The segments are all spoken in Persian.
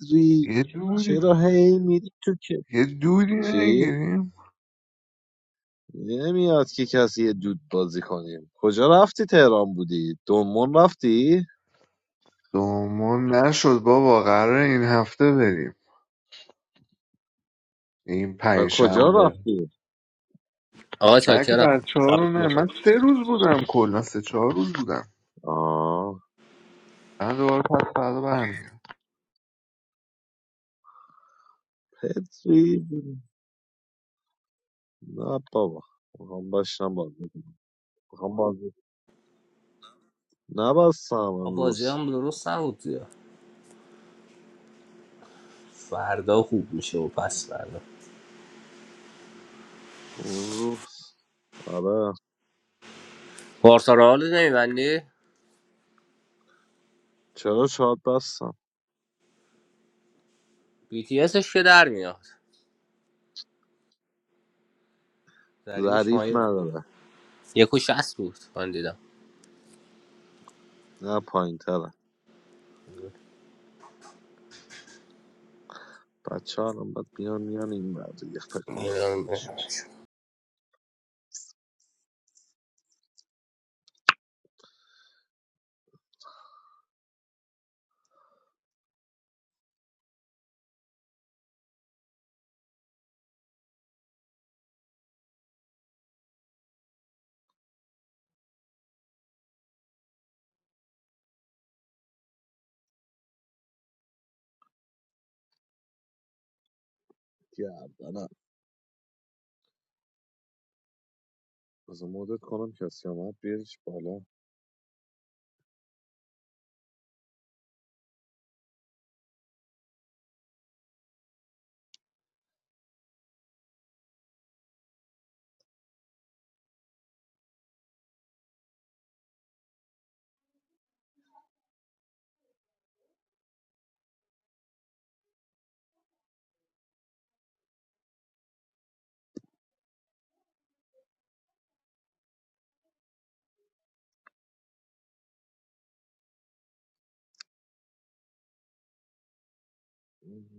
ری یه دوری چرا هی میری تو که یه دوری چی؟ نگیریم نمیاد که کسی یه دود بازی کنیم کجا رفتی تهران بودی؟ دومون رفتی؟ دومون نشد بابا قراره این هفته بریم این و کجا پنجشنبه. شنبه رفتی؟ آقا من که چاکرم بچه ها رو شبتون نه بخیر من سه روز بودم کلا سه چهار روز بودم آه من دوباره پس فردا برمیگردم پتری نه بابا میخوام باشم بازی کنم. میخوام بازی نبستم آقا امروز بازی هم درست نبود دیگه. فردا خوب میشه و پس فردا اون روز آره بارسا رو حال نمیبندی؟ چرا شاد بستم بی تی اسش که در میاد ضریب ضریب شمایی نداره یک و شست بود من دیدم نه پایین تره بچه ها الان باید بیان میان این بر دیگه فکر کنم خودش بذار مدت کنم کسی آمد بیارش بالا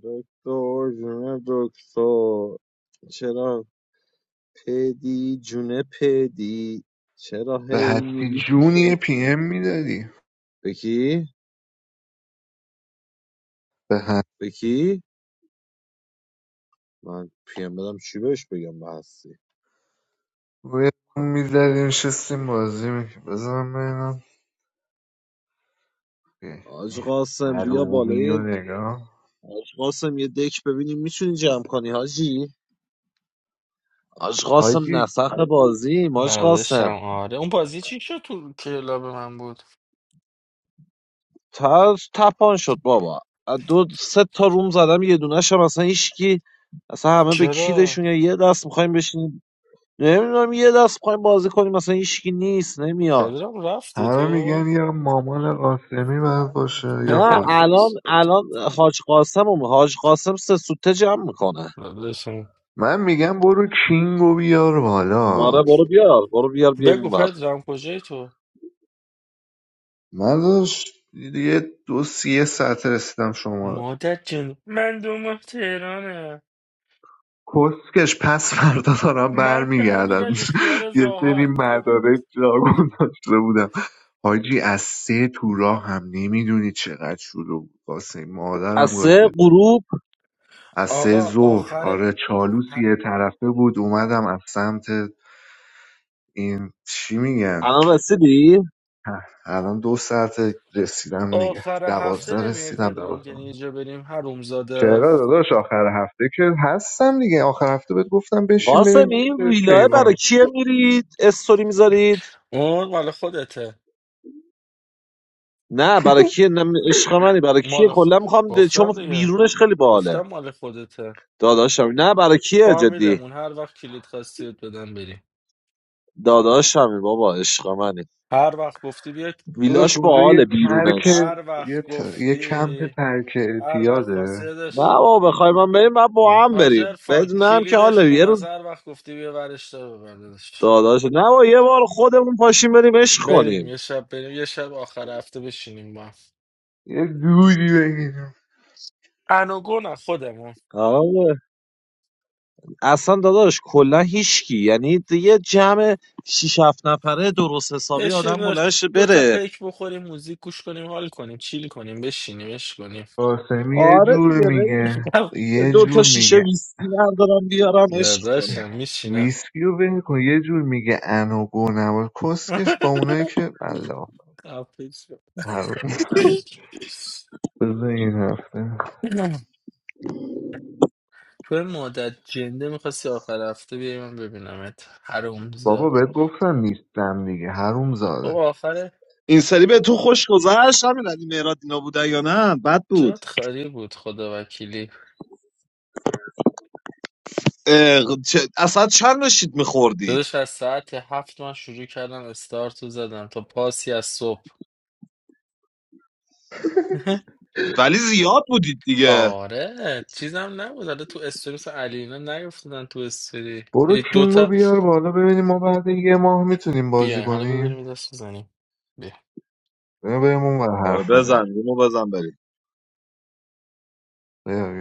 دکتر جونه دکتر چرا پدی جونه پدی چرا به هی هستی میری تو جونی یه پی کتری ام میدادی بکی به هستی بکی من پیم بدم چی بهش بگم به هستی روی میزدیم شستیم بازی میکنیم بزنم ببینم که حاج قاسم بیا حرومی و بالای نگاه حاج قاسم یه دک ببینیم میتونی جمع کنی حاجی حاج قاسم حاجی نسخ بازیم حاج قاسم نداشتم آره اون بازی چی شد تو کلاب من بود تاز تپان شد بابا از دو سه تا روم زدم یه دونه‌ش هم اصلا هیچکی اصلا همه به چرا کیرشون یا یه دست میخوایم بشینیم نمیدونم یه دست میخوایم بازی کنیم مثلا هیچکی نیست نمیاد پدرام رفتی همه میگن تو یا مامان قاسمی باید باشه یا نه خودش الان الان حاج قاسم هم. حاج قاسم سه سوته جمع میکنه نداشتم من میگم برو کینگو بیار بالا ماره برو بیار برو بیار بیایم بگو اونور پدرام کجای تو من داشت یه دو سی یه ساعت رسیدم شما مادر جن من دوم تهرانه کسکش پس فردا دارم من که برمیگردم امیر علی خیار یه سری راحت دوم مدارک جاگون داشته بودم حاجی از سه تو راه هم نمیدونی چقدر شلوغ بود واسه از مادرم گایده سه بود. غروب از سه آقا ظهر آخر آره چالوس ه- یه طرفه بود اومدم از سمت این چی میگن الان رسیدی ه، الان دو ساعت رسیدم دیگه آخر هفته دوازده نمیای رسیدم پدرام که دوازده اینجا بریم هروم زاده چرا داداش آخر هفته که هستم دیگه آخر هفته بهت گفتم بشین قاسم بریم پیش ویلاه کیوان برای کیه میرید استوری میذارید اون مال خودته نه برای کیه نه عشق منی برای کیه مال خ- کلا میخوام د- چون گفتم دیگه بیرونش خیلی باحاله گفتم مال خودته داداشم نه برای کیه جدی فامیلمون هر وقت کلید خواستید بدن بریم داداشمی بابا عشق منی هر وقت گفتی بیاد داداش ویلاش اونجا یه باحاله ترک بیرونش هر یه, وقت ت- یه گفتی کمپ ترک هر وقت خواستی اعتیاده نه داشت بابا بخوای من بریم من با هم حاجر بریم فان بدونم که کلیدش حالا یه خونه است روز هر وقت گفتی بیا ورش دار ببر داداش. داداش نه بابا یه بار خودمون پاشیم بریم عشق بریم کنیم یه شب بریم یه شب آخر هفته بشینیم با هم یه جوری بگیرم انوگو نه خودمون اصلا داداش کلا هیچکی یعنی یه جمع 6 7 نفره درست حسابی بشینیم آدم داداش. بلند شه دو تا بره پیک بخوریم موزیک گوش کنیم حال کنیم چیل کنیم بشینیم اش کنیم قاسمی یه آره جور دیگه بریم میگه یه دو تا جور شیشه میگه ویسکی بردارم بیارم عشق کنیم داداشم میشینم ویسکی رو ول کن یه جور میگه انو گو نباش کسکش با اونایی که الله خفه شو. حروم بذار این هفته تو این مدت جنده میخواستی آخر هفته بیای من ببینمت حروم بابا زاد بهت گفتم نیستم دیگه حروم خب آخر این سری به تو خوش گذشت همین علی مهراد اینا بوده یا نه بد بود جات خالی بود خدا وکیلی اه، چه- اصلا چند نشید میخوردید داداش از ساعت هفت من شروع کردم استارتو زدم تا پاسی از صبح ولی زیاد بودید دیگه آره چیزم نبود حالا تو استوری مثل علی اینا نیفتادن تو استوری برو یک کینگو دوتا بیار بالا ببینیم ما بعد یه ماه میتونیم بازی بیاین حالا ببریم کنیم یه دست بزنیم بیا. بیا بریم اون ور آره، حرف میزنیم بزن اینو بزن بریم بیا بیا